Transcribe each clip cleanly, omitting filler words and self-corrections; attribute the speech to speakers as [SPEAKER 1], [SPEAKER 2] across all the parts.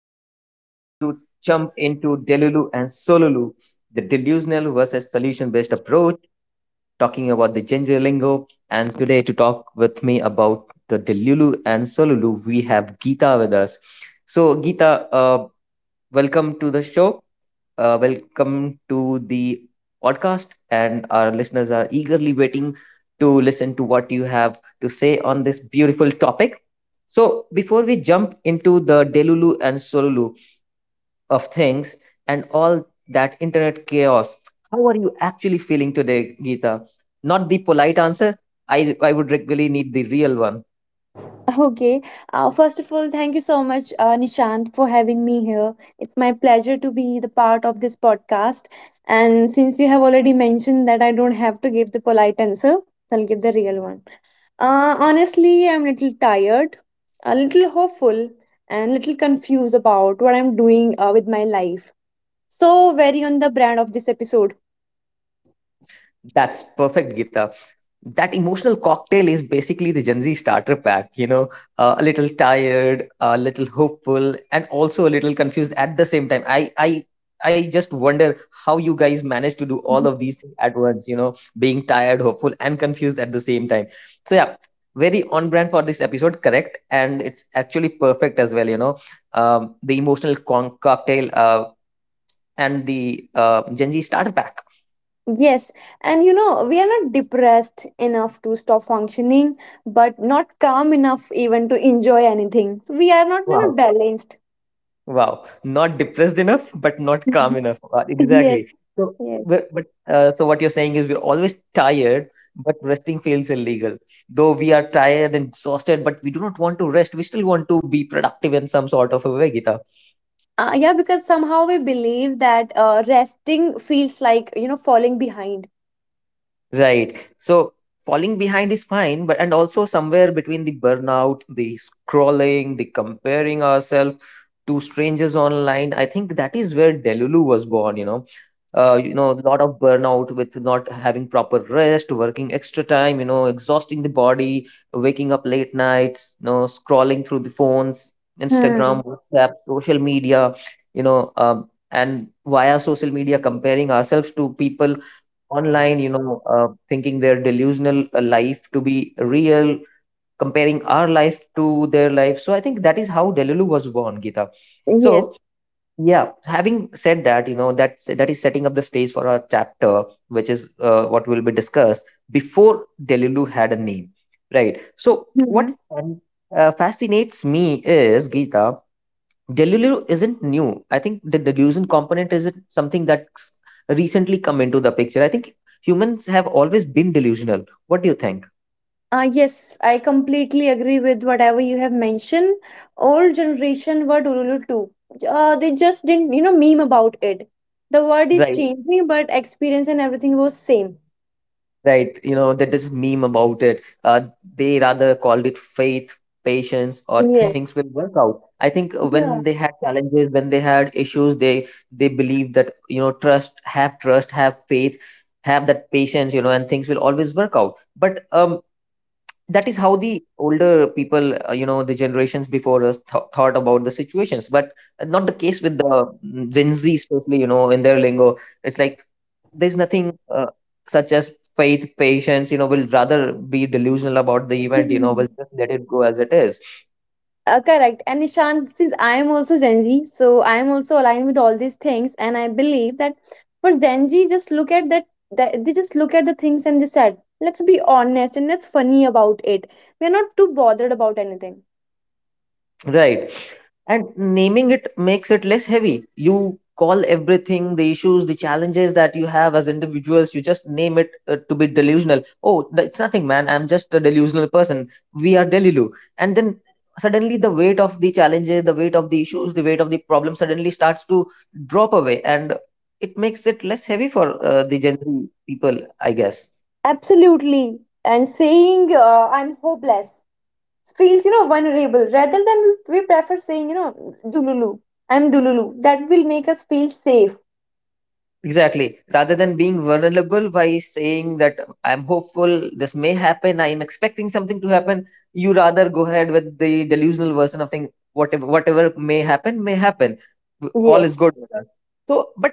[SPEAKER 1] we are going to jump into Delulu and Solulu, the delusional versus solution based approach, talking about the ginger lingo. And today, to talk with me about the Delulu and Solulu, we have Geeta with us. So, Geeta, welcome to the show. Welcome to the podcast. And our listeners are eagerly waiting to listen to what you have to say on this beautiful topic. So, before we jump into the Delulu and Solulu of things and all that internet chaos, how are you actually feeling today, Geeta? Not the polite answer. I would really need the real one.
[SPEAKER 2] Okay. First of all, thank you so much, Nishant, for having me here. It's my pleasure to be the part of this podcast. And since you have already mentioned that I don't have to give the polite answer, I'll give the real one. Honestly, I'm a little tired, a little hopeful, and little confused about what I'm doing with my life. So, very on the brand of this episode.
[SPEAKER 1] That's perfect, Gita. That emotional cocktail is basically the Gen Z starter pack, you know, a little tired, a little hopeful, and also a little confused at the same time. I just wonder how you guys manage to do all
[SPEAKER 2] Mm-hmm.
[SPEAKER 1] of these things at once, you know, being tired, hopeful, and confused at the same time. So, yeah, very on brand for this episode, correct? And it's actually perfect as well, you know, the emotional cocktail and the Gen Z starter pack.
[SPEAKER 2] Yes, and we are not depressed enough to stop functioning, but not calm enough even to enjoy anything. So we are not,
[SPEAKER 1] Wow.
[SPEAKER 2] balanced.
[SPEAKER 1] Wow, not depressed enough, but not calm
[SPEAKER 2] Mhm.
[SPEAKER 1] enough. Wow,
[SPEAKER 2] Yes,
[SPEAKER 1] exactly. So,
[SPEAKER 2] yes.
[SPEAKER 1] but so what you're saying is we're always tired, but resting feels illegal. Though we are tired and exhausted, but we do not want to rest. We still want to be productive in some sort of a way, Gita.
[SPEAKER 2] Yeah, because somehow we believe that resting feels like, falling behind.
[SPEAKER 1] Right. So falling behind is fine, but and also somewhere between the burnout, the scrolling, the comparing ourselves to strangers online. I think that is where Delulu was born, you know. You know, a lot of burnout with not having proper rest, working extra time, you know, exhausting the body, waking up late nights, you know, scrolling through the phones,
[SPEAKER 2] Hmm.
[SPEAKER 1] Instagram, WhatsApp, social media, you know, and via social media comparing ourselves to people online, you know, thinking their delusional life to be real comparing our life to their life. So I think that is how Delulu was born, Gita.
[SPEAKER 2] Yes.
[SPEAKER 1] So yeah, having said that, you know that that is setting up the stage for our chapter, which is what will be discussed before Delulu had a name, right? So
[SPEAKER 2] Hmm.
[SPEAKER 1] fascinates me is Gita. Delulu isn't new. I think the delusion component isn't something that's recently come into the picture. I think humans have always been delusional. What do you think?
[SPEAKER 2] Yes, I completely agree with whatever you have mentioned. Old generation word Ululu too. They just didn't, meme about it. The word is
[SPEAKER 1] Right.
[SPEAKER 2] changing, but experience and everything was same.
[SPEAKER 1] Right, you know, that this meme about it. They rather called it faith, patience, or
[SPEAKER 2] Yes.
[SPEAKER 1] things will work out. I think when
[SPEAKER 2] Yeah.
[SPEAKER 1] they had challenges, when they had issues, they believed that you know, trust, have faith, have that patience, you know, and things will always work out. But that is how the older people, you know, the generations before us thought about the situations. But not the case with the Gen Z, especially, you know, in their lingo. It's like there's nothing such as faith patience you know will rather be delusional about the event you know
[SPEAKER 2] Mhm.
[SPEAKER 1] will just let it go as it is.
[SPEAKER 2] Correct. And Nishant, since I am also Gen Z, so I am also aligned with all these things, and I believe that for Gen Z, just look at that. That they just look at the things and they said, "Let's be honest and let's funny about it. We are not too bothered about anything."
[SPEAKER 1] Right. And naming it makes it less heavy. You call everything, the issues, the challenges that you have as individuals, you just name it to be delusional. Oh, it's nothing, man. I'm just a delusional person. We are Delilu. And then suddenly the weight of the challenges, the weight of the issues, the weight of the problem suddenly starts to drop away. And it makes it less heavy for the Gen Z people, I guess.
[SPEAKER 2] Absolutely. And saying I'm hopeless feels vulnerable rather than we prefer saying Dululu. I'm Dululu. That will make us feel safe.
[SPEAKER 1] Exactly. Rather than being vulnerable by saying that I'm hopeful, this may happen, I am expecting something to happen, you rather go ahead with the delusional version of thing, whatever may happen, may happen. All is
[SPEAKER 2] Yes.
[SPEAKER 1] good with us. So, but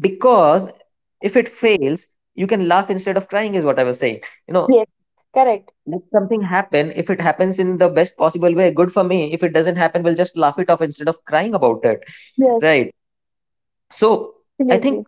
[SPEAKER 1] because if it fails, you can laugh instead of crying, is what I was saying. You know,
[SPEAKER 2] Yes. Correct.
[SPEAKER 1] let something happen. If it happens in the best possible way, good for me. If it doesn't happen, we'll just laugh it off instead of crying about it.
[SPEAKER 2] Yes.
[SPEAKER 1] Right. So I think
[SPEAKER 2] Absolutely.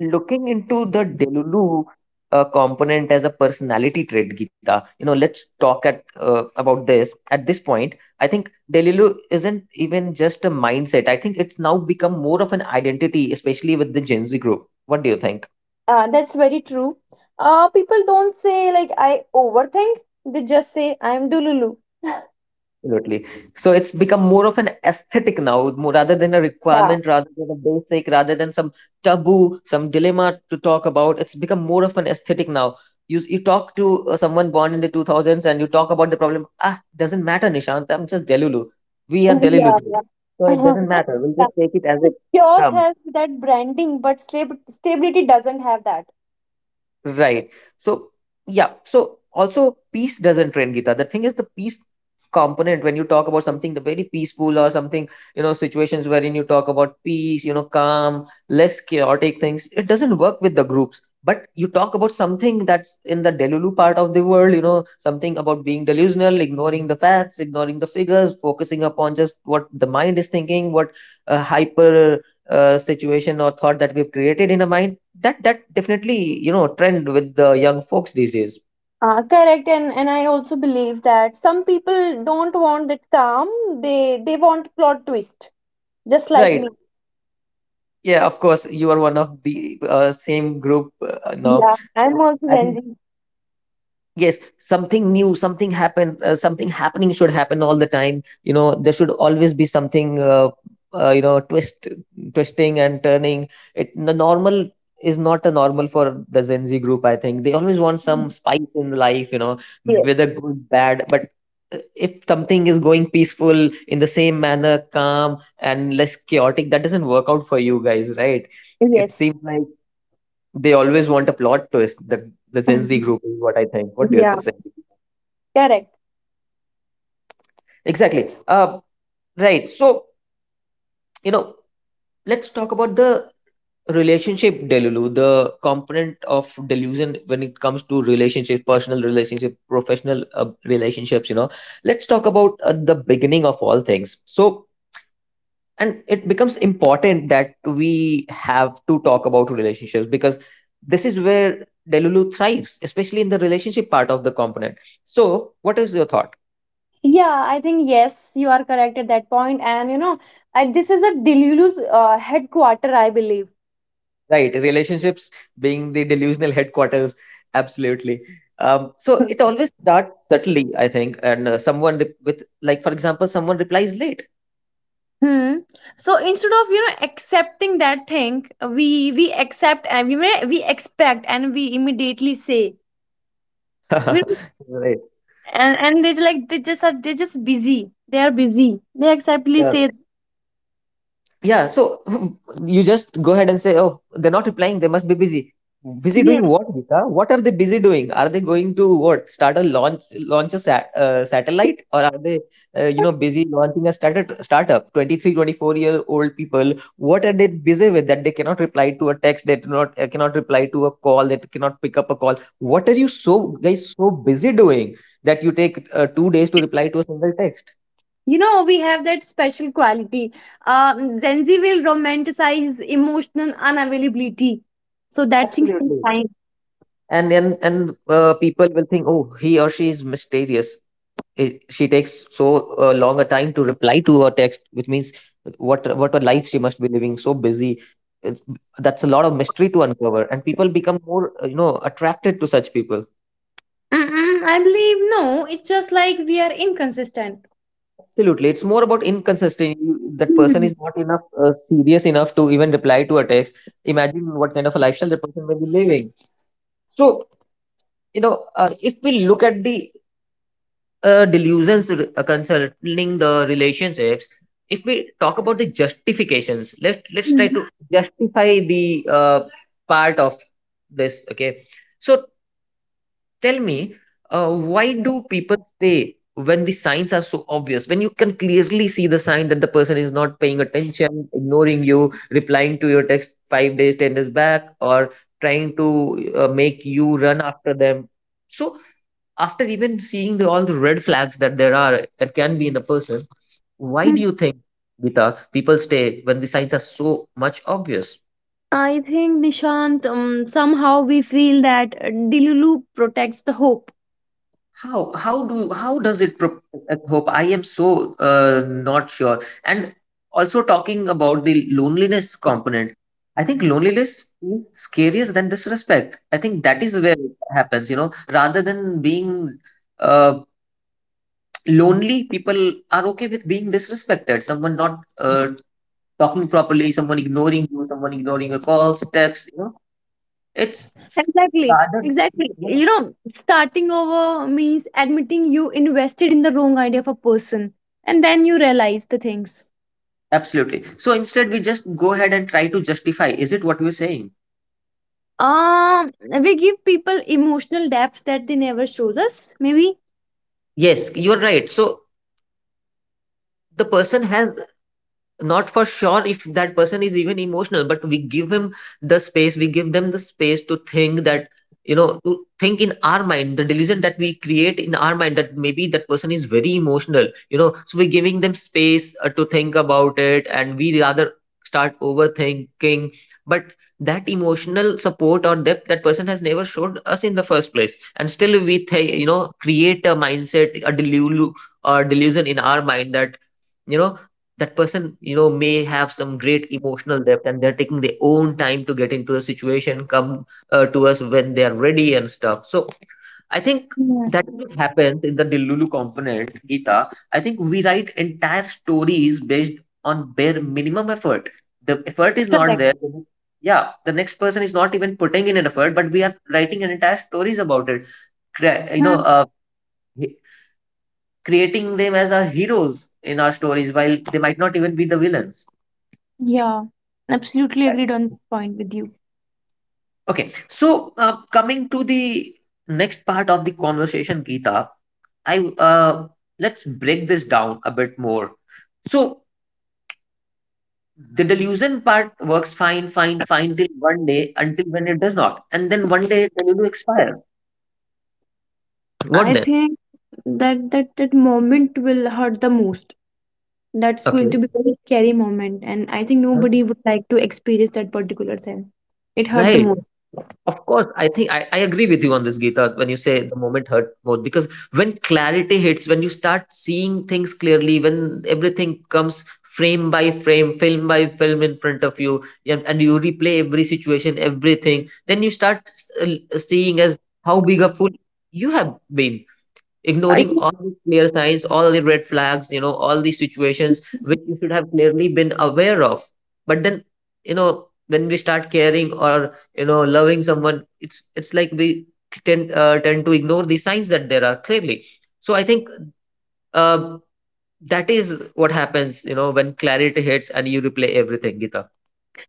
[SPEAKER 1] looking into the Delulu component as a personality trait, Gita, you know, let's talk at about this. At this point, I think Delulu isn't even just a mindset. I think it's now become more of an identity, especially with the Gen Z group. What do you think?
[SPEAKER 2] That's very true. People don't say like I overthink. They just say I'm Dululu.
[SPEAKER 1] Absolutely. So it's become more of an aesthetic now, more, rather than a
[SPEAKER 2] Yeah.
[SPEAKER 1] requirement, rather than a basic, rather than some taboo, some dilemma to talk about. It's become more of an aesthetic now. You talk to someone born in the 2000s and you talk about the problem. Ah, doesn't matter, Nishant. I'm just Delulu. We are Delulu
[SPEAKER 2] Yeah.
[SPEAKER 1] group. So
[SPEAKER 2] Yeah.
[SPEAKER 1] it doesn't matter. We'll
[SPEAKER 2] yeah.
[SPEAKER 1] just take it as it
[SPEAKER 2] Yours
[SPEAKER 1] comes.
[SPEAKER 2] has that branding, but stability doesn't have that.
[SPEAKER 1] Right. So yeah. So also peace doesn't trend, Gita. The thing is the peace component when you talk about something the very peaceful or something, you know, situations wherein you talk about peace, you know, calm, less chaotic things, it doesn't work with the groups. But you talk about something that's in the Delulu part of the world, you know, something about being delusional, ignoring the facts, ignoring the figures, focusing upon just what the mind is thinking, what hyper situation or thought that we've created in a mind that definitely you know trend with the young folks these days,
[SPEAKER 2] Correct, and I also believe that some people don't want that calm. They want plot twist, just like
[SPEAKER 1] right?
[SPEAKER 2] me.
[SPEAKER 1] Yeah, of course you are one of the same group now.
[SPEAKER 2] Yeah, I'm
[SPEAKER 1] So
[SPEAKER 2] also
[SPEAKER 1] I
[SPEAKER 2] Gen
[SPEAKER 1] think
[SPEAKER 2] Z.
[SPEAKER 1] yes, something new, something happen, something happening should happen all the time. You know, there should always be something, you know, twisting and turning. It The normal is not a normal for the Gen Z group. I think they always want some spice in life. You know,
[SPEAKER 2] Yes,
[SPEAKER 1] whether good, bad, but if something is going peaceful in the same manner, calm and less chaotic, that doesn't work out for you guys, right? It
[SPEAKER 2] yes.
[SPEAKER 1] seems like they always want a plot twist. The Gen Z group is what I think. What do you
[SPEAKER 2] yeah,
[SPEAKER 1] think?
[SPEAKER 2] correct.
[SPEAKER 1] Exactly. Right. So, you know, let's talk about the relationship delulu, the component of delusion when it comes to relationships, personal relationship, professional relationships, you know. Let's talk about the beginning of all things. So, and it becomes important that we have to talk about relationships because this is where delulu thrives especially in the relationship part of the component. So what is your thought?
[SPEAKER 2] Yeah, I think yes, you are correct at that point. And this is a Delulu's headquarter, I believe.
[SPEAKER 1] Right, relationships being the delusional headquarters, absolutely. So it always starts subtly, I think, and with like for example someone replies late.
[SPEAKER 2] Hmm. So instead of accepting that thing, we accept and we expect and we immediately say we,
[SPEAKER 1] Right,
[SPEAKER 2] and they like, they just busy. They are busy. They acceptly
[SPEAKER 1] yeah.
[SPEAKER 2] say
[SPEAKER 1] Yeah, so you just go ahead and say, oh, they're not replying. They must be busy. Busy
[SPEAKER 2] yeah.
[SPEAKER 1] doing what, Gita? What are they busy doing? Are they going to what? Start a launch, launch a satellite, or are they, you know, busy launching a startup? Startup. 23, 24-year old people. What are they busy with that they cannot reply to a text? They do not cannot reply to a call. They cannot pick up a call. What are you so guys so busy doing that you take 2 days to reply to a single text?
[SPEAKER 2] You know we have that special quality. Gen Z will romanticize emotional unavailability. So that thing's
[SPEAKER 1] Absolutely.
[SPEAKER 2] fine.
[SPEAKER 1] And people will think, "Oh, he or she is mysterious. She takes so long a time to reply to her text, which means what a life she must be living, so busy." it's, that's a lot of mystery to uncover, and people become more attracted to such people.
[SPEAKER 2] Mm-mm, I believe no. It's just like we are inconsistent.
[SPEAKER 1] Absolutely, it's more about inconsistency. That person
[SPEAKER 2] Mhm.
[SPEAKER 1] is not enough serious enough to even reply to a text. Imagine what kind of a lifestyle the person may be living. So, if we look at the delusions concerning the relationships, if we talk about the justifications, let's try
[SPEAKER 2] Mhm.
[SPEAKER 1] to justify the part of this, okay? So tell me, uh, why do people stay when the signs are so obvious, when you can clearly see the sign that the person is not paying attention, ignoring you, replying to your text 5 days, 10 days back, or trying to make you run after them. So, after even seeing all the red flags that there are, that can be in the person, why do
[SPEAKER 2] Mhm.
[SPEAKER 1] you think, Gita, people stay when the signs are so much obvious?
[SPEAKER 2] I think Nishant, somehow we feel that Delulu protects the hope.
[SPEAKER 1] How does it at hope I am so not sure. And also, talking about the loneliness component, I think loneliness is scarier than disrespect. I think that is where it happens, you know. Rather than being uh, lonely, people are okay with being disrespected, someone not talking properly, someone ignoring you, someone ignoring your calls, texts, you know, it's
[SPEAKER 2] Exactly.
[SPEAKER 1] rather,
[SPEAKER 2] Exactly.
[SPEAKER 1] yeah,
[SPEAKER 2] You know, starting over means admitting you invested in the wrong idea of a person, and then you realize the things.
[SPEAKER 1] absolutely. So instead, we just go ahead and try to justify. Is it what we're saying?
[SPEAKER 2] Um, we give people emotional depth that they never showed us. Maybe.
[SPEAKER 1] Yes, you're right. So the person has, not for sure if that person is even emotional, but we give him the space, we give them the space to think that, you know, to think in our mind, the delusion that we create in our mind, that maybe that person is very emotional, you know. So we're giving them space to think about it, and we rather start overthinking. But that emotional support or depth, that person has never showed us in the first place, and still we think, you know, create a mindset, a delusion in our mind that, you know, that person, you know, may have some great emotional depth, and they're taking their own time to get into the situation, come to us when they are ready and stuff. So I think
[SPEAKER 2] Yeah.
[SPEAKER 1] that, what happens in the dilulu component, Gita, I think we write entire stories based on bare minimum effort. The effort is not
[SPEAKER 2] Correct.
[SPEAKER 1] there. Yeah, the next person is not even putting in an effort, but we are writing an entire stories about it. Crea- you know
[SPEAKER 2] Hmm.
[SPEAKER 1] uh, he- Creating them as our heroes in our stories, while they might not even be the villains.
[SPEAKER 2] Yeah. Absolutely agreed on point with you.
[SPEAKER 1] Okay, so coming to the next part of the conversation, Geeta, I let's break this down a bit more. So the delusion part works fine, fine, fine till one day, until when it does not, and then one day it will expire.
[SPEAKER 2] I
[SPEAKER 1] What then?
[SPEAKER 2] think that that moment will hurt the most. That's going
[SPEAKER 1] Okay,
[SPEAKER 2] to be a very scary moment, and I think
[SPEAKER 1] huh?
[SPEAKER 2] nobody would like to experience that particular thing. It hurt the
[SPEAKER 1] Right.
[SPEAKER 2] most.
[SPEAKER 1] Of course, I think I agree with you on this, Geeta, when you say the moment hurt more. Because when clarity hits, when you start seeing things clearly, when everything comes frame by frame, film by film in front of you, and you replay every situation, everything, then you start seeing as how big a fool you have been,
[SPEAKER 2] I
[SPEAKER 1] ignoring all
[SPEAKER 2] think-
[SPEAKER 1] the clear signs, all the red flags, you know, all the situations which you should have clearly been aware of. But then, you know, when we start caring or you know loving someone, it's like we tend to ignore the signs that there are, clearly. So I think, uh, that is what happens, you know, when clarity hits and you replay everything, Gita.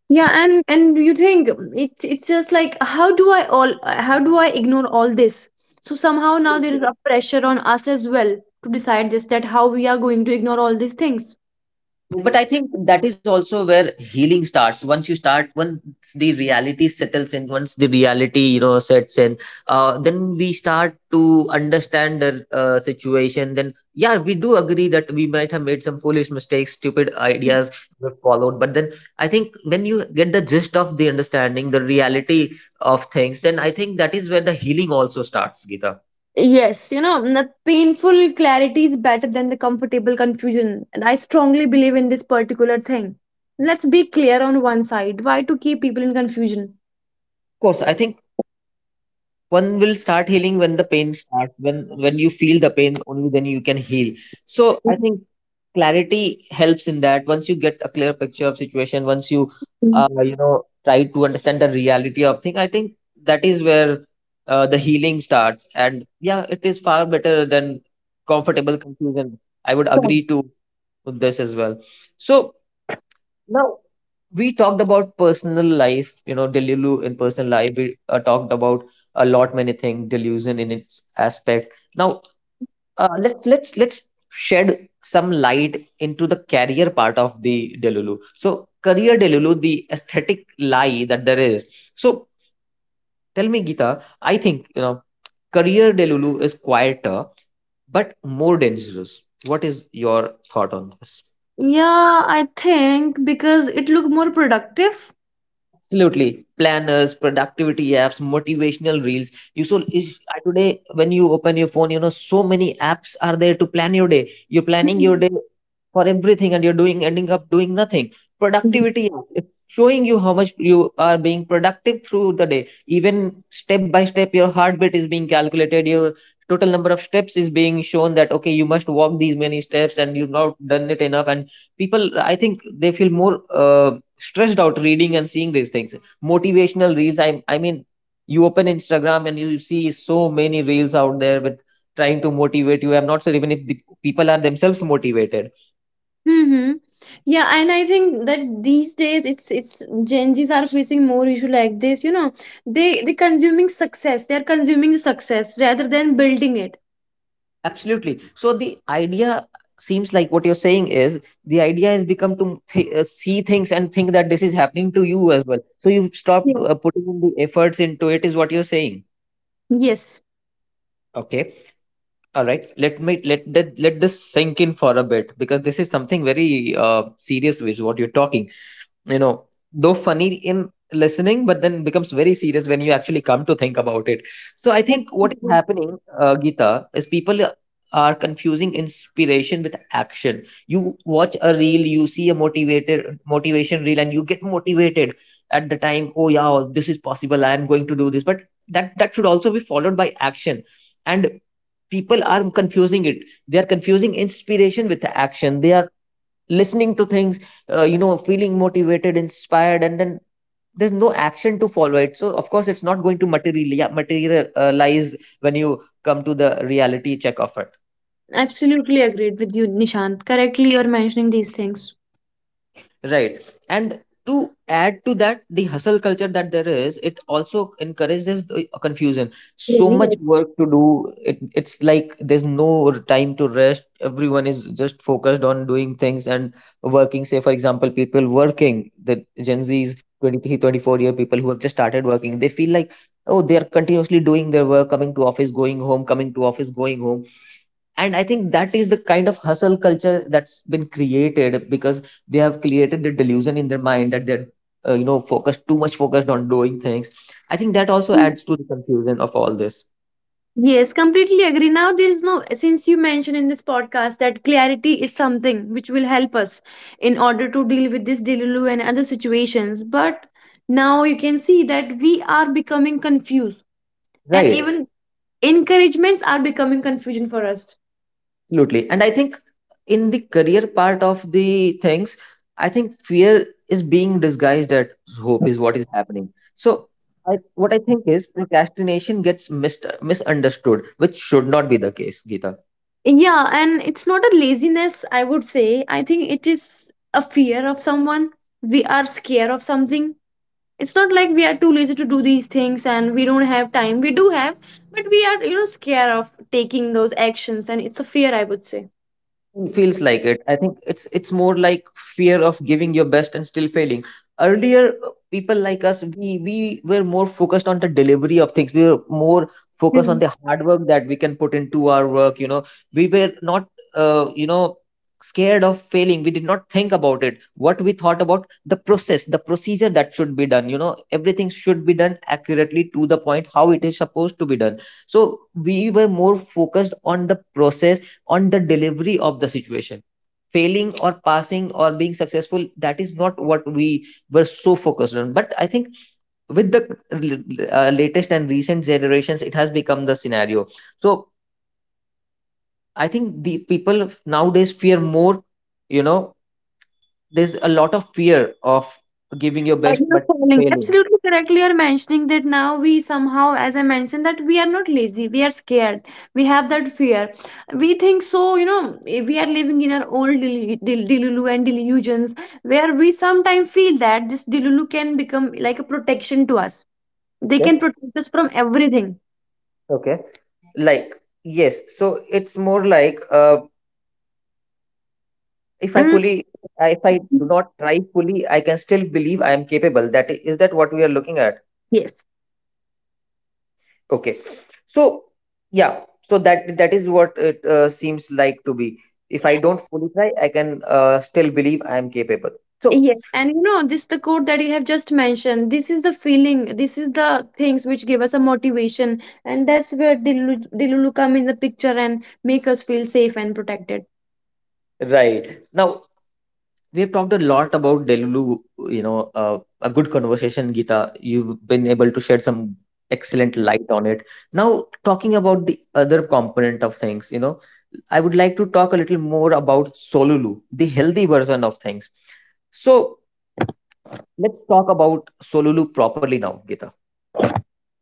[SPEAKER 2] yeah, and you think it's just like, how do I all how do I ignore all this? So somehow now there is a pressure on us as well to decide this, that how we are going to ignore all these things.
[SPEAKER 1] But I think that is also where healing starts. Once you start, once the reality settles in, once the reality, you know, sets in, then we start to understand the situation. Then yeah, we do agree that we might have made some foolish mistakes, stupid ideas were followed. But then I think when you get the gist of the understanding, the reality of things, then I think that is where the healing also starts, Gita.
[SPEAKER 2] Yes, you know, the painful clarity is better than the comfortable confusion. And I strongly believe in this particular thing. Let's be clear on one side. Why to keep people in confusion?
[SPEAKER 1] Of course, I think one will start healing when the pain starts, when you feel the pain, only then you can heal. So I think clarity helps in that. Once you get a clear picture of situation, once you you know try to understand the reality of thing, I think that is where the healing starts, and yeah, it is far better than comfortable confusion. I would
[SPEAKER 2] Mhm.
[SPEAKER 1] agree to this as well. So now, we talked about personal life, you know, delusion in personal life. We talked about a lot many things, delusion in its aspect. Now, let's shed some light into the career part of the delulu. So, career delulu, the aesthetic lie that there is. So, tell me, Gita, I think you know, career delulu is quieter but more dangerous. What is your thought on this?
[SPEAKER 2] Yeah, I think because it look more productive.
[SPEAKER 1] Absolutely. Planners, productivity apps, motivational reels. Today when you open your phone, you know so many apps are there to plan your day. You're planning your
[SPEAKER 2] Mhm.
[SPEAKER 1] day for everything, and you're doing ending up doing nothing. Productivity apps, it's showing you how much you are being productive through the day. Even step by step, your heartbeat is being calculated. Your total number of steps is being shown that okay, you must walk these many steps, and you've not done it enough. And people, I think they feel more. Stressed out reading and seeing these things, motivational reels, I mean you open Instagram and you see so many reels out there with trying to motivate you. I'm not sure even if the people are themselves motivated.
[SPEAKER 2] Mm-hmm. Yeah, and I think that these days it's Gen Zs are facing more issue like this. You know, they consuming success. They are consuming success rather than building it.
[SPEAKER 1] Absolutely. So the idea seems like what you're saying is, the idea has become to see things and think that this is happening to you as well, so you've stopped
[SPEAKER 2] Yeah.
[SPEAKER 1] putting in the efforts into it, is what you're saying.
[SPEAKER 2] Yes.
[SPEAKER 1] Okay, all right, let me let that let this sink in for a bit, because this is something very serious, which what you're talking. You know, though funny in listening, but then becomes very serious when you actually come to think about it. So I
[SPEAKER 2] Yes.
[SPEAKER 1] think what is happening, Gita, is people are confusing inspiration with action. You watch a reel, you see a motivated motivation reel, and you get motivated at the time. Oh yeah, this is possible. I am going to do this. But that should also be followed by action. And people are confusing it, they are confusing inspiration with action, they are listening to things, you know, feeling motivated, inspired, and then there's no action to follow it. So of course it's not going to materialize when you come to the reality check of it.
[SPEAKER 2] Absolutely agreed with you, Nishant. Correctly, you're mentioning these things.
[SPEAKER 1] Right. And to add to that, the hustle culture that there is, it also encourages the confusion. So much
[SPEAKER 2] Really?
[SPEAKER 1] work to do. It's like there's no time to rest. Everyone is just focused on doing things and working. Say, for example, people working, the Gen Zs, 23, 24-year people who have just started working, they feel like, oh, they are continuously doing their work, coming to office, going home, coming to office, going home, and I think that is the kind of hustle culture that's been created, because they have created the delusion in their mind that they're you know focused too much focused on doing things. I think that also
[SPEAKER 2] Hmm.
[SPEAKER 1] adds to the confusion of all this.
[SPEAKER 2] Yes, completely agree. Now, there is no, since you mentioned in this podcast that clarity is something which will help us in order to deal with this Delulu and other situations. But now you can see that we are becoming confused, and
[SPEAKER 1] Right,
[SPEAKER 2] even encouragements are becoming confusion for us.
[SPEAKER 1] absolutely. And I think in the career part of the things, I think fear is being disguised as hope is what is happening. So, what I think is procrastination gets misunderstood, which should not be the case, Geeta.
[SPEAKER 2] Yeah, and it's not a laziness, I would say. I think it is a fear of someone. We are scared of something. It's not like we are too lazy to do these things, and we don't have time. We do have, but we are, scared of taking those actions, and it's a fear, I would say.
[SPEAKER 1] It feels like it. I think it's more like fear of giving your best and still failing. Earlier, people like us, we were more focused on the delivery of things. We were more focused on
[SPEAKER 2] Hmm.
[SPEAKER 1] the hard work that we can put into our work. You know, we were not, you know, scared of failing. We did not think about it. What we thought about the process, the procedure that should be done. You know, everything should be done accurately to the point how it is supposed to be done. So we were more focused on the process, on the delivery of the situation. Failing or passing or being successful, that is not what we were so focused on. But I think with the latest and recent generations, it has become the scenario. So I think the people nowadays fear more, you know, there's a lot of fear of giving your best but
[SPEAKER 2] Falling.
[SPEAKER 1] failing.
[SPEAKER 2] Absolutely correctly, you're mentioning that now we somehow, as I mentioned, that we are not lazy, we are scared, we have that fear. We think so, you know, we are living in our old delulu and delusions, where we sometimes feel that this delulu can become like a protection to us. They can
[SPEAKER 1] Okay.
[SPEAKER 2] protect us from everything.
[SPEAKER 1] Okay. Like, yes. So it's more like if i
[SPEAKER 2] Mm.
[SPEAKER 1] fully if I do not try fully, I can still believe I am capable. Is that what we are looking at? Okay, so yeah, so that is what it seems like to be. If I don't fully try, I can still believe I am capable. So,
[SPEAKER 2] Yes. And this the quote that you have just mentioned. This is the feeling. This is the things which give us a motivation, and that's where Dilulu come in the picture and make us feel safe and protected.
[SPEAKER 1] right. Now we have talked a lot about Delulu, you know, a good conversation, Gita. You've been able to shed some excellent light on it. Now, talking about the other component of things, you know, I would like to talk a little more about Solulu, the healthy version of things. So, let's talk about Solulu properly now, Gita.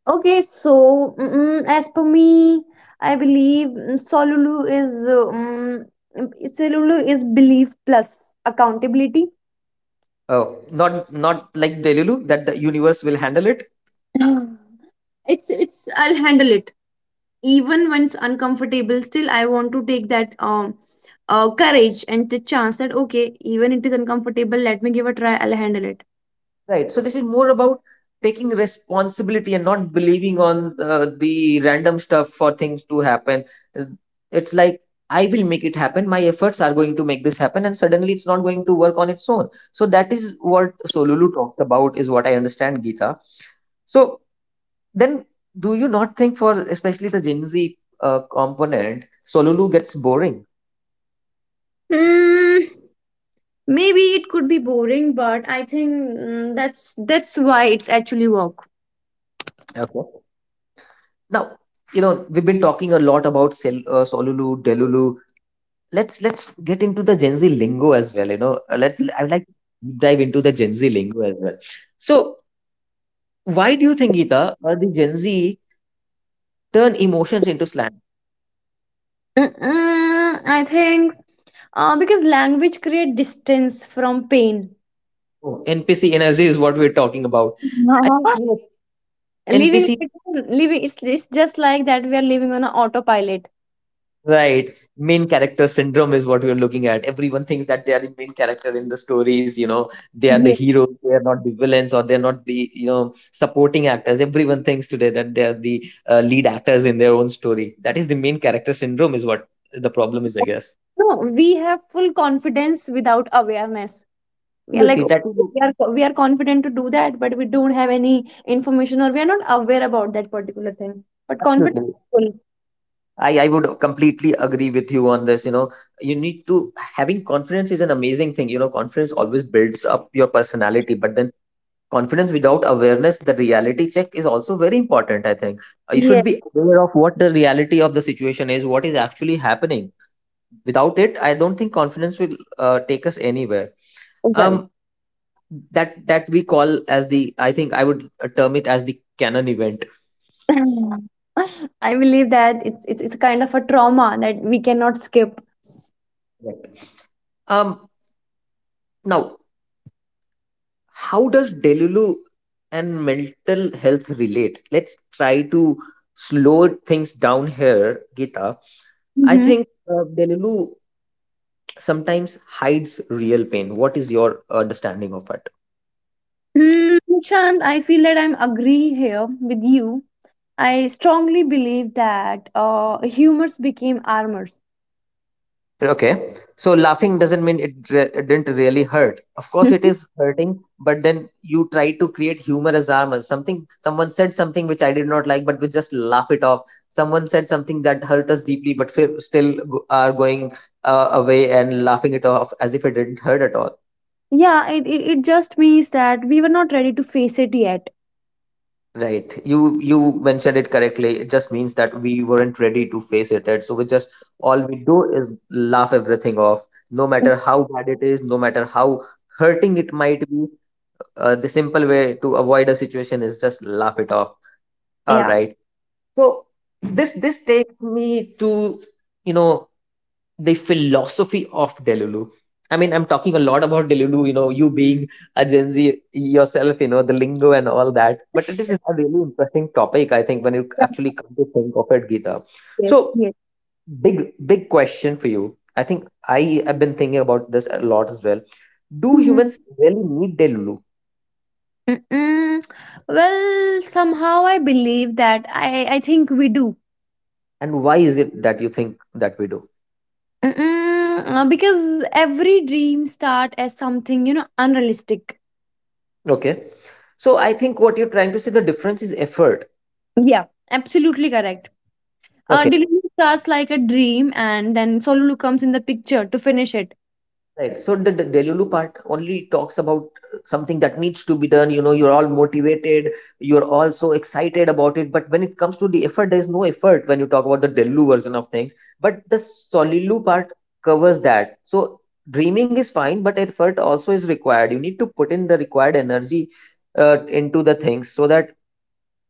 [SPEAKER 2] Okay, so as per me, I believe Solulu is belief plus accountability.
[SPEAKER 1] Uh, not like Delulu that the universe will handle it.
[SPEAKER 2] Mm. It's I'll handle it. Even when it's uncomfortable, still I want to take that courage and the chance that, okay, even it is uncomfortable, let me give a try. I'll handle it.
[SPEAKER 1] Right. So this is more about taking responsibility and not believing on the random stuff for things to happen. Uh, It's like I will make it happen. My efforts are going to make this happen, and suddenly it's not going to work on its own. So that is what Solulu talks about, is what I understand, Gita. So then, do you not think for especially the Gen Z component, Solulu gets boring?
[SPEAKER 2] Hmm, maybe it could be boring, but I think that's why it's actually work.
[SPEAKER 1] Okay. Now, we've been talking a lot about Solulu, Delulu. Let's get into the Gen Z lingo as well. You know, let's I would like to deep dive into the Gen Z lingo as well. So, why do you think, Geeta, the Gen Z turn emotions into slang?
[SPEAKER 2] Mm-mm, I think because language create distance from pain.
[SPEAKER 1] Oh, NPC energy is what we're talking about. I think you know,
[SPEAKER 2] living
[SPEAKER 1] NPC.
[SPEAKER 2] like- living It's just like that we are living on an autopilot.
[SPEAKER 1] Right. Main character syndrome is what we're looking at. Everyone thinks that they are the main character in the stories, you know, they are the
[SPEAKER 2] Yes.
[SPEAKER 1] heroes, they are not the villains, or they're not the, you know, supporting actors. Everyone thinks today that they are the lead actors in their own story. That is the main character syndrome, is what the problem is, I guess.
[SPEAKER 2] No, we have full confidence without awareness. We are like,
[SPEAKER 1] Absolutely.
[SPEAKER 2] "Oh,
[SPEAKER 1] That is
[SPEAKER 2] we are confident to do that, but we don't have any information, or we are not aware about that particular thing, but confident
[SPEAKER 1] absolutely.
[SPEAKER 2] people,"
[SPEAKER 1] I would completely agree with you on this. You know, you need to Having confidence is an amazing thing. You know, confidence always builds up your personality, but then confidence without awareness, the reality check is also very important, I think. You
[SPEAKER 2] yeah,
[SPEAKER 1] should be aware of what the reality of the situation is, what is actually happening. Without it, I don't think confidence will take us anywhere.
[SPEAKER 2] right.
[SPEAKER 1] um that we call as the, I think I would term it as the canon event.
[SPEAKER 2] I believe that it's a kind of a trauma that we cannot skip.
[SPEAKER 1] Right. um now How does Delulu and mental health relate? Let's try to slow things down here, Gita. I
[SPEAKER 2] Mm-hmm.
[SPEAKER 1] think Delulu sometimes hides real pain. What is your understanding of it?
[SPEAKER 2] Nishant, I feel that I'm agree here with you. I strongly believe that humors became armors.
[SPEAKER 1] Okay, so laughing doesn't mean it didn't really hurt. Of course, it is hurting, but then you try to create humor as armor. Something, someone said something which I did not like, but we just laugh it off. Someone said something that hurt us deeply, but are going away and laughing it off as if it didn't hurt at all.
[SPEAKER 2] yeah, it just means that we were not ready to face it yet.
[SPEAKER 1] Right. You mentioned it correctly. It just means that we weren't ready to face it. And so we just, all we do is laugh everything off, no
[SPEAKER 2] Mm.
[SPEAKER 1] matter how bad it is, no matter how hurting it might be. The simple way to avoid a situation is just laugh it off. All
[SPEAKER 2] Yeah.
[SPEAKER 1] right. So this takes me to, you know, the philosophy of Delulu. I mean, I'm talking a lot about Delulu, you know, you being a Gen Z yourself, you know, the lingo and all that. But it is a really interesting topic, I think, when you
[SPEAKER 2] Yeah,
[SPEAKER 1] actually come to think of it, Geeta.
[SPEAKER 2] yes,
[SPEAKER 1] So,
[SPEAKER 2] yes.
[SPEAKER 1] big, big question for you. I think I have been thinking about this a lot as well. Do
[SPEAKER 2] Hmm.
[SPEAKER 1] humans really need Delulu?
[SPEAKER 2] Mm-mm. Well, somehow I believe that. I think we do.
[SPEAKER 1] And why is it that you think that we do?
[SPEAKER 2] Mm-mm. Because every dream start as something, you know, unrealistic.
[SPEAKER 1] Okay. So, I think what you're trying to say, the difference is effort.
[SPEAKER 2] Yeah, absolutely correct. Uh,
[SPEAKER 1] Okay.
[SPEAKER 2] delivery starts like a dream, and then Solulu comes in the picture to finish it.
[SPEAKER 1] Right. So the Delulu part only talks about something that needs to be done. You know, you're all motivated, you're all so excited about it. But when it comes to the effort, there's no effort when you talk about the Delulu version of things. But the Solilu part covers that. So dreaming is fine, but effort also is required. You need to put in the required energy into the things, so that,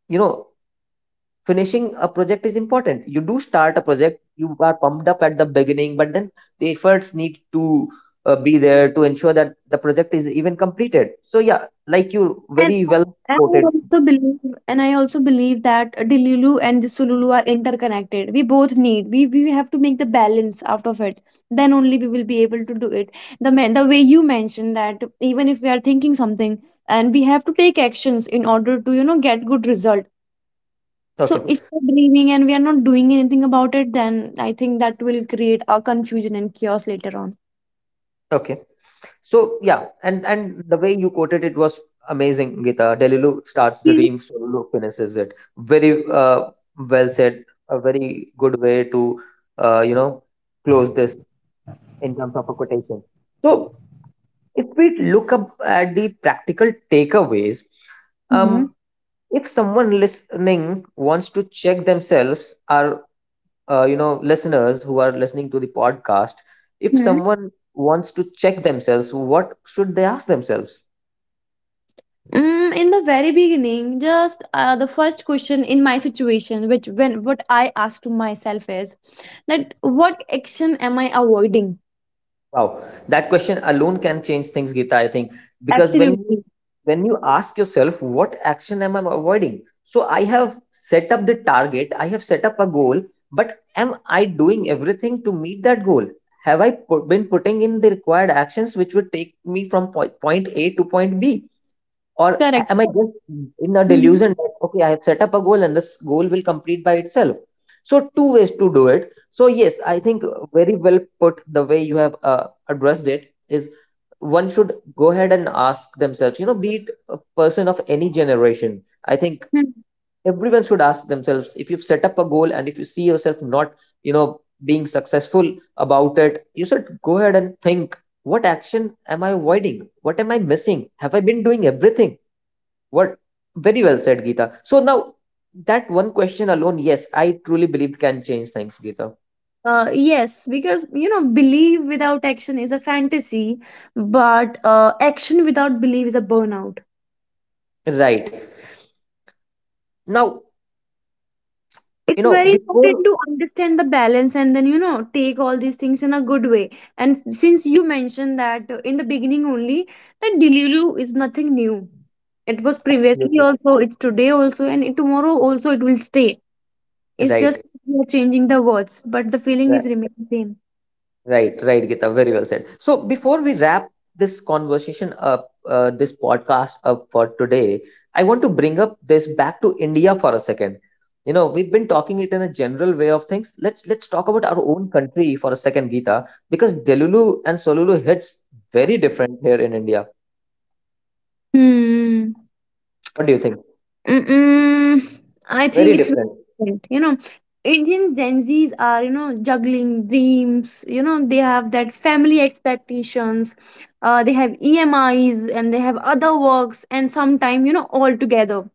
[SPEAKER 1] you know, finishing a project is important. You do start a project, you are pumped up at the beginning, but then the efforts need to be there to ensure that the project is even completed. So yeah, like you
[SPEAKER 2] And
[SPEAKER 1] very well
[SPEAKER 2] I
[SPEAKER 1] quoted.
[SPEAKER 2] also believe, I also believe that Delulu and the Sululu are interconnected. We both need. We have to make the balance out of it. Then only we will be able to do it. The man, the way you mentioned that, even if we are thinking something, and we have to take actions in order to, you know, get good result. So
[SPEAKER 1] Okay.
[SPEAKER 2] if we're dreaming and we are not doing anything about it, then I think that will create a confusion and chaos later on.
[SPEAKER 1] Okay, so yeah, and the way you quoted it was amazing, Gita. Delilu starts
[SPEAKER 2] Yes.
[SPEAKER 1] dream, Solo finishes it. Very uh, well said, a very good way to, uh, you know close this in terms of a quotation. So if we look up at the practical takeaways,
[SPEAKER 2] Hmm.
[SPEAKER 1] um, if someone listening wants to check themselves, our listeners who are listening to the podcast, if someone wants to check themselves, what should they ask themselves?
[SPEAKER 2] In the very beginning, just the first question in my situation, which when what I ask to myself is that, what action am I avoiding?
[SPEAKER 1] Wow, that question alone can change things, Gita. I think because when you,
[SPEAKER 2] Absolutely
[SPEAKER 1] when you ask yourself, what action am I avoiding? So I have set up the target, I have set up a goal, but am I doing everything to meet that goal? Have I put, been putting in the required actions which would take me from point A to point B? Or
[SPEAKER 2] correct.
[SPEAKER 1] am I just in a
[SPEAKER 2] Hmm.
[SPEAKER 1] delusion that, okay, I have set up a goal and this goal will complete by itself? So, two ways to do it. So, yes, I think very well put, the way you have addressed it is one should go ahead and ask themselves, you know, be it a person of any generation. I think everyone should ask themselves, if you've set up a goal and if you see yourself not, you know, being successful about it, you should go ahead and think, what action am I avoiding? What am I missing? Have I been doing everything? What? Very well said, Geeta. So now that one question alone, yes, I truly believe can change things, Geeta.
[SPEAKER 2] Yes, because, you know, belief without action is a fantasy, but action without belief is a burnout.
[SPEAKER 1] Right. Now, you
[SPEAKER 2] It's
[SPEAKER 1] know,
[SPEAKER 2] very important
[SPEAKER 1] before,
[SPEAKER 2] to understand the balance, and then, you know, take all these things in a good way. And since you mentioned that, in the beginning only, that delulu is nothing new. It was previously
[SPEAKER 1] absolutely.
[SPEAKER 2] also, it's today also, and tomorrow also, it will stay. It's
[SPEAKER 1] Right,
[SPEAKER 2] just we are changing the words, but the feeling
[SPEAKER 1] right,
[SPEAKER 2] is remaining same.
[SPEAKER 1] right, right, Gita. Very well said. So before we wrap this conversation up, this podcast up for today, I want to bring up this back to India for a second. You know, we've been talking it in a general way of things. Let's talk about our own country for a second, Gita, because Delulu and Solulu hits very different here in India.
[SPEAKER 2] Hmm.
[SPEAKER 1] What do you think?
[SPEAKER 2] Mm-mm, I
[SPEAKER 1] Very
[SPEAKER 2] think it's
[SPEAKER 1] different.
[SPEAKER 2] relevant, you know. Indian Gen Zs are, juggling dreams. They have that family expectations. They have EMIs and they have other works, and sometimes, all together.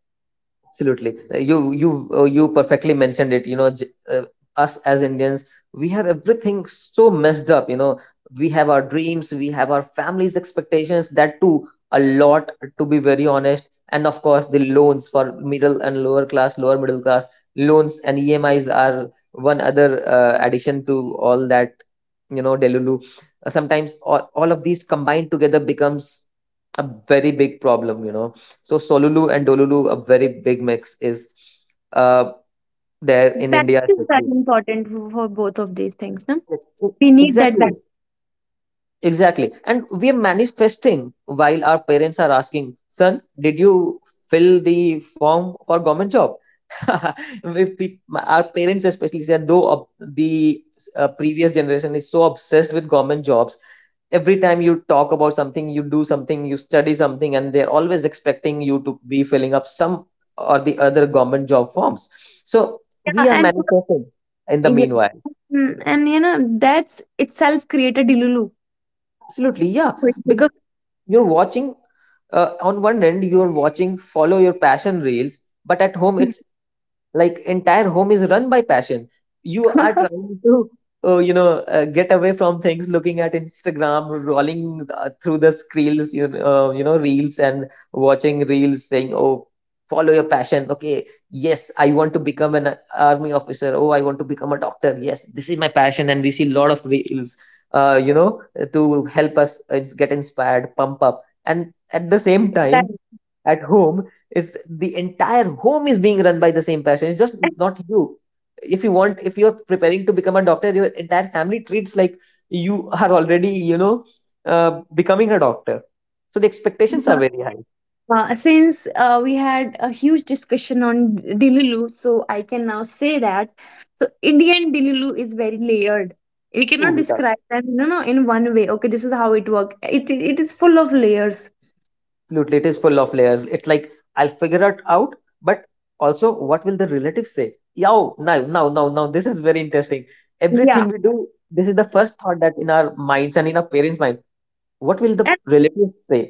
[SPEAKER 1] Absolutely. You perfectly mentioned it. Us as Indians, we have everything so messed up. You know, we have our dreams, we have our family's expectations. That too, a lot, to be very honest. And of course, the loans for middle and lower class, lower middle class, loans and EMIs are one other addition to all that. You know, Delulu. Sometimes all of these combined together becomes a very big problem, you know. So Solulu and Dolulu, a very big mix is uh, there in
[SPEAKER 2] Balance
[SPEAKER 1] India,
[SPEAKER 2] is very
[SPEAKER 1] especially.
[SPEAKER 2] important for both of these things. No, we need that
[SPEAKER 1] Exactly.
[SPEAKER 2] balance.
[SPEAKER 1] Exactly. And we are manifesting while our parents are asking, son, did you fill the form for government job? If peop Our parents especially said, though the previous generation is so obsessed with government jobs, every time you talk about something, you do something, you study something, and they're always expecting you to be filling up some or the other government job forms. So
[SPEAKER 2] Yeah,
[SPEAKER 1] we are
[SPEAKER 2] and
[SPEAKER 1] manifesting in the
[SPEAKER 2] yeah,
[SPEAKER 1] meanwhile.
[SPEAKER 2] and, that's itself create a delulu.
[SPEAKER 1] Absolutely, yeah, because you're watching, on one end you're watching follow your passion reels, but at home it's like, entire home is run by passion. You are trying to get away from things, looking at Instagram, rolling through the screens, reels, and watching reels saying, oh, follow your passion. Okay, yes, I want to become an army officer. Oh, I want to become a doctor. Yes, this is my passion. And we see a lot of reels uh, you know to help us get inspired, pump up, and at the same
[SPEAKER 2] Right.
[SPEAKER 1] time at home, is the entire home is being run by the same person. It's just not you. If you're preparing to become a doctor, your entire family treats like you are already, you know, becoming a doctor. So the expectations are very high.
[SPEAKER 2] Since we had a huge discussion on Dililu, so I can now say that. So Indian Dililu is very layered. We
[SPEAKER 1] True,
[SPEAKER 2] cannot
[SPEAKER 1] Geeta.
[SPEAKER 2] describe them, no, no, in one way. Okay, this is how it works. It is full of layers.
[SPEAKER 1] Absolutely, it is full of layers. It's like, I'll figure it out, but also, what will the relatives say? Yo, now, this is very interesting. Everything
[SPEAKER 2] Yeah,
[SPEAKER 1] we do, this is the first thought that in our minds and in our parents' mind, what will the
[SPEAKER 2] and
[SPEAKER 1] relatives say?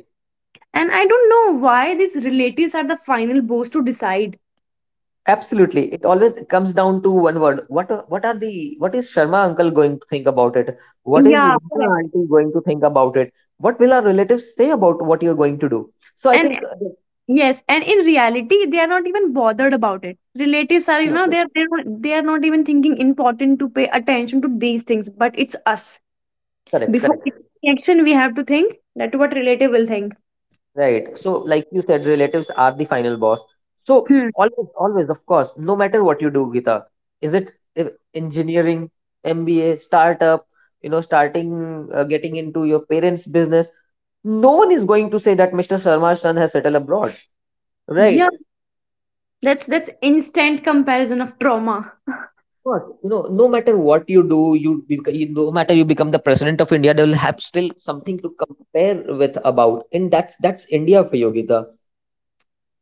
[SPEAKER 2] and I don't know why these relatives are the final boss to decide.
[SPEAKER 1] Absolutely. It always comes down to one word. What are the what is Sharma uncle going to think about it? What is
[SPEAKER 2] Yeah,
[SPEAKER 1] Meena
[SPEAKER 2] correct.
[SPEAKER 1] auntie going to think about it? What will our relatives say about what you're going to do? So I
[SPEAKER 2] And
[SPEAKER 1] think,
[SPEAKER 2] yes, and in reality, they are not even bothered about it. Relatives are,
[SPEAKER 1] absolutely.
[SPEAKER 2] they are not even thinking important to pay attention to these things. But it's us.
[SPEAKER 1] Correct,
[SPEAKER 2] Before
[SPEAKER 1] correct.
[SPEAKER 2] taking action, we have to think that what relative will think.
[SPEAKER 1] Right. So like you said, relatives are the final boss. So
[SPEAKER 2] Hmm.
[SPEAKER 1] always, always, of course, no matter what you do, Gita, is it engineering, MBA, startup, you know, starting getting into your parents' business, no one is going to say that Mr. Sharma's son has settled abroad. Right.
[SPEAKER 2] Yeah,
[SPEAKER 1] Of
[SPEAKER 2] that's instant comparison of trauma.
[SPEAKER 1] course. You know, no matter what you do, you, you, no matter you become the president of India, they will have still something to compare with about, and that's India for Yogita.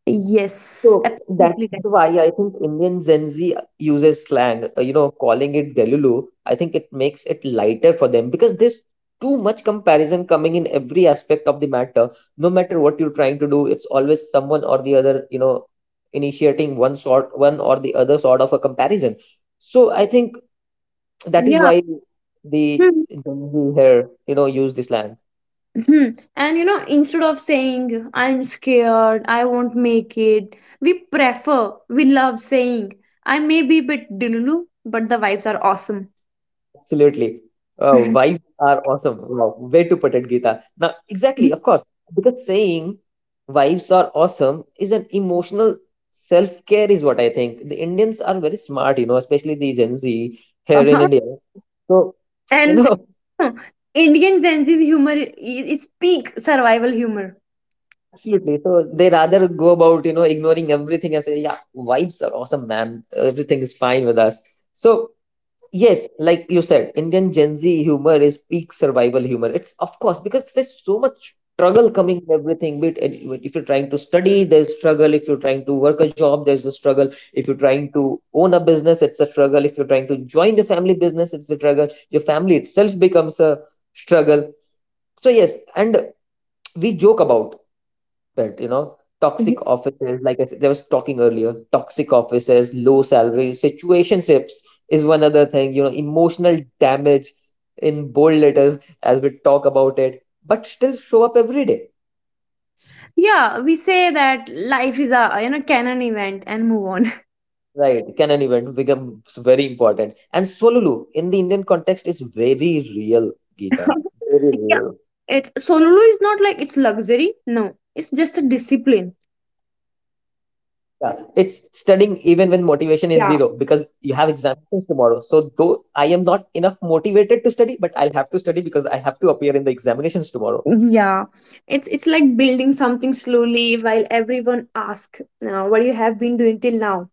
[SPEAKER 2] Yes,
[SPEAKER 1] So that's
[SPEAKER 2] absolutely. Correct.
[SPEAKER 1] why I think Indian Gen Z uses slang. You know, calling it Delulu, I think it makes it lighter for them because there's too much comparison coming in every aspect of the matter. No matter what you're trying to do, it's always someone or the other. You know, initiating one sort, one or the other sort of a comparison. So I think that is
[SPEAKER 2] Yeah.
[SPEAKER 1] why the
[SPEAKER 2] Hmm.
[SPEAKER 1] Gen Z here, use this slang.
[SPEAKER 2] Hmm. And, instead of saying I'm scared, I won't make it, we love saying, "I may be a bit delulu, but the vibes are awesome."
[SPEAKER 1] Absolutely. Uh, wives are awesome. Wow. Way to put it, Geeta. Now, exactly, of course, because saying wives are awesome is an emotional self care, is what I think. The Indians are very smart, you know, especially the Gen Z here in India. So, you
[SPEAKER 2] and,
[SPEAKER 1] know,
[SPEAKER 2] know, Indian Gen Z's humor is it's peak survival humor.
[SPEAKER 1] absolutely. So they rather go about, ignoring everything and say, yeah, vibes are awesome, man. Everything is fine with us. So yes, like you said, Indian Gen Z humor is peak survival humor. It's of course because there's so much struggle coming with everything. If you're trying to study, there's struggle. If you're trying to work a job, there's a struggle. If you're trying to own a business, it's a struggle. If you're trying to join the family business, it's a struggle. Your family itself becomes a struggle. So yes, and we joke about that, you know, toxic offices, like I said, I was talking earlier, toxic offices, low salaries, situationships is one other thing, you know, emotional damage in bold letters as we talk about it, but still show up every day.
[SPEAKER 2] Yeah, we say that life is a canon event and move on.
[SPEAKER 1] Right, can an event become very important, and solulu in the Indian context is very real, Gita, very
[SPEAKER 2] yeah.
[SPEAKER 1] real.
[SPEAKER 2] It's solulu is not like it's luxury. No, it's just a discipline.
[SPEAKER 1] Yeah, it's studying even when motivation is zero because you
[SPEAKER 2] Yeah.
[SPEAKER 1] have examinations tomorrow. So though I am not enough motivated to study, but I'll have to study because I have to appear in the examinations tomorrow.
[SPEAKER 2] Yeah, it's like building something slowly while everyone asks, "What you have been doing till now?"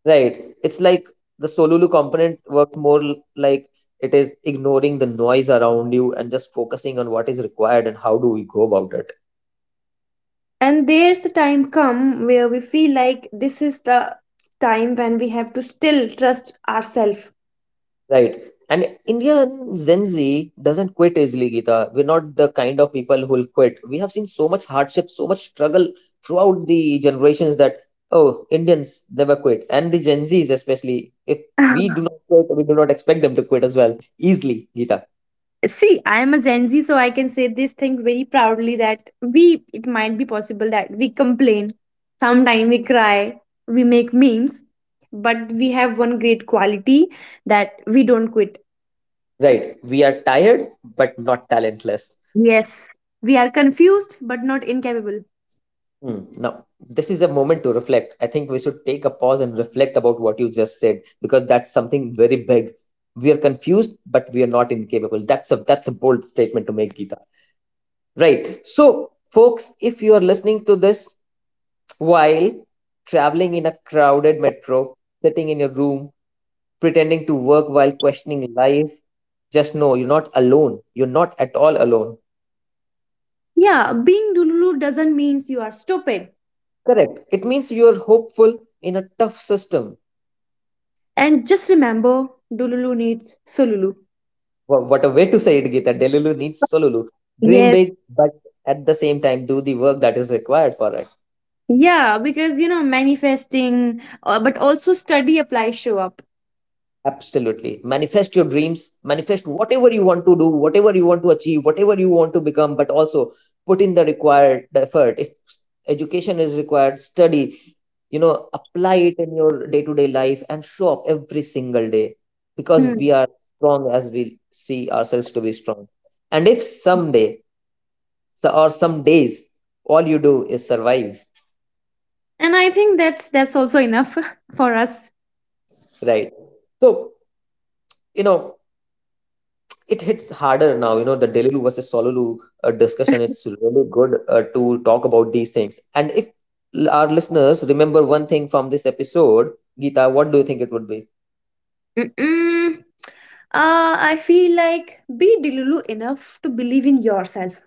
[SPEAKER 1] Right? It's like the Solulu component works more like it is ignoring the noise around you and just focusing on what is required and how do we go about it.
[SPEAKER 2] And there's a time come where we feel like this is the time when we have to still trust ourselves.
[SPEAKER 1] Right. And Indian Gen Z doesn't quit easily, Gita. We're not the kind of people who'll quit. We have seen so much hardship, so much struggle throughout the generations that, oh, Indians never quit. And the Gen Zs, especially, if we do not quit, we do not expect them to quit as well easily, Gita.
[SPEAKER 2] See, I am a Gen Z, so I can say this thing very proudly that it might be possible that we complain, sometimes we cry, we make memes, but we have one great quality, that we don't quit.
[SPEAKER 1] Right. We are tired, but not talentless.
[SPEAKER 2] Yes, we are confused but not incapable.
[SPEAKER 1] Mm. Now, this is a moment to reflect. I think we should take a pause and reflect about what you just said because that's something very big. We are confused, but we are not incapable. That's a bold statement to make, Gita. Right. So, folks, if you are listening to this while traveling in a crowded metro, sitting in your room, pretending to work while questioning life, just know you're not alone. You're not at all alone.
[SPEAKER 2] Yeah, being Dululu doesn't mean you are stupid.
[SPEAKER 1] Correct. It means you're hopeful in a tough system.
[SPEAKER 2] And just remember, Dululu needs Sululu.
[SPEAKER 1] What a way to say it, Geeta. Delulu needs Solulu. Dream
[SPEAKER 2] Yes.
[SPEAKER 1] big, but at the same time, do the work that is required for it.
[SPEAKER 2] Yeah, because, you know, manifesting, but also study, apply, show up.
[SPEAKER 1] Absolutely. Manifest your dreams, manifest whatever you want to do, whatever you want to achieve, whatever you want to become, but also put in the required effort. If s- education is required, study, you know, apply it in your day to day life and show up every single day because
[SPEAKER 2] Hmm.
[SPEAKER 1] we are strong as we see ourselves to be strong. And if someday or some days all you do is survive,
[SPEAKER 2] And I think that's also enough for us.
[SPEAKER 1] right? So, you know, it hits harder now, you know, the delulu versus solulu discussion. It's really good to talk about these things. And if our listeners remember one thing from this episode, Geeta, what do you think it would be?
[SPEAKER 2] Mm-mm. I feel like, be delulu enough to believe in yourself.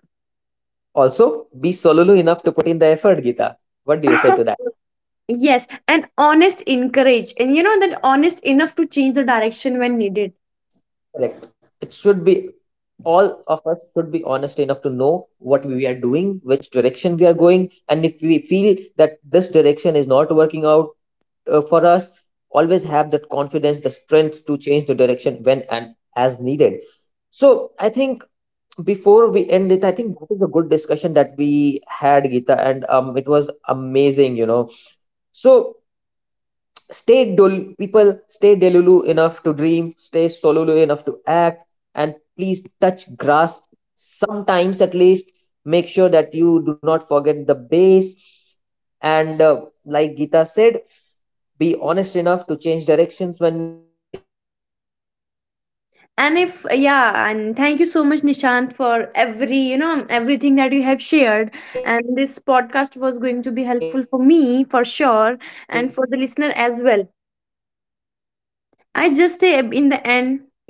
[SPEAKER 1] Also be solulu enough to put in the effort, Geeta. What do you say to that?
[SPEAKER 2] Yes, and honest encourage, and you know that, honest enough to change the direction when needed.
[SPEAKER 1] Correct. It should be, all of us should be honest enough to know what we are doing, which direction we are going, and if we feel that this direction is not working out for us, always have that confidence, the strength to change the direction when and as needed. So I think before we end it, I think that is a good discussion that we had, Gita, and it was amazing, you know. So stay dul people, stay delulu enough to dream, stay solulu enough to act, and please touch grass sometimes at least. Make sure that you do not forget the base. And like Gita said, be honest enough to change directions when needed. With that, I think thank you,
[SPEAKER 2] And
[SPEAKER 1] Gita,
[SPEAKER 2] if
[SPEAKER 1] for being with us.
[SPEAKER 2] yeah, and thank you so much, Nishant, for everything that you have shared. And this podcast was going to be helpful for me for sure, and for the listener as well. I just say in the
[SPEAKER 1] So I
[SPEAKER 2] end
[SPEAKER 1] think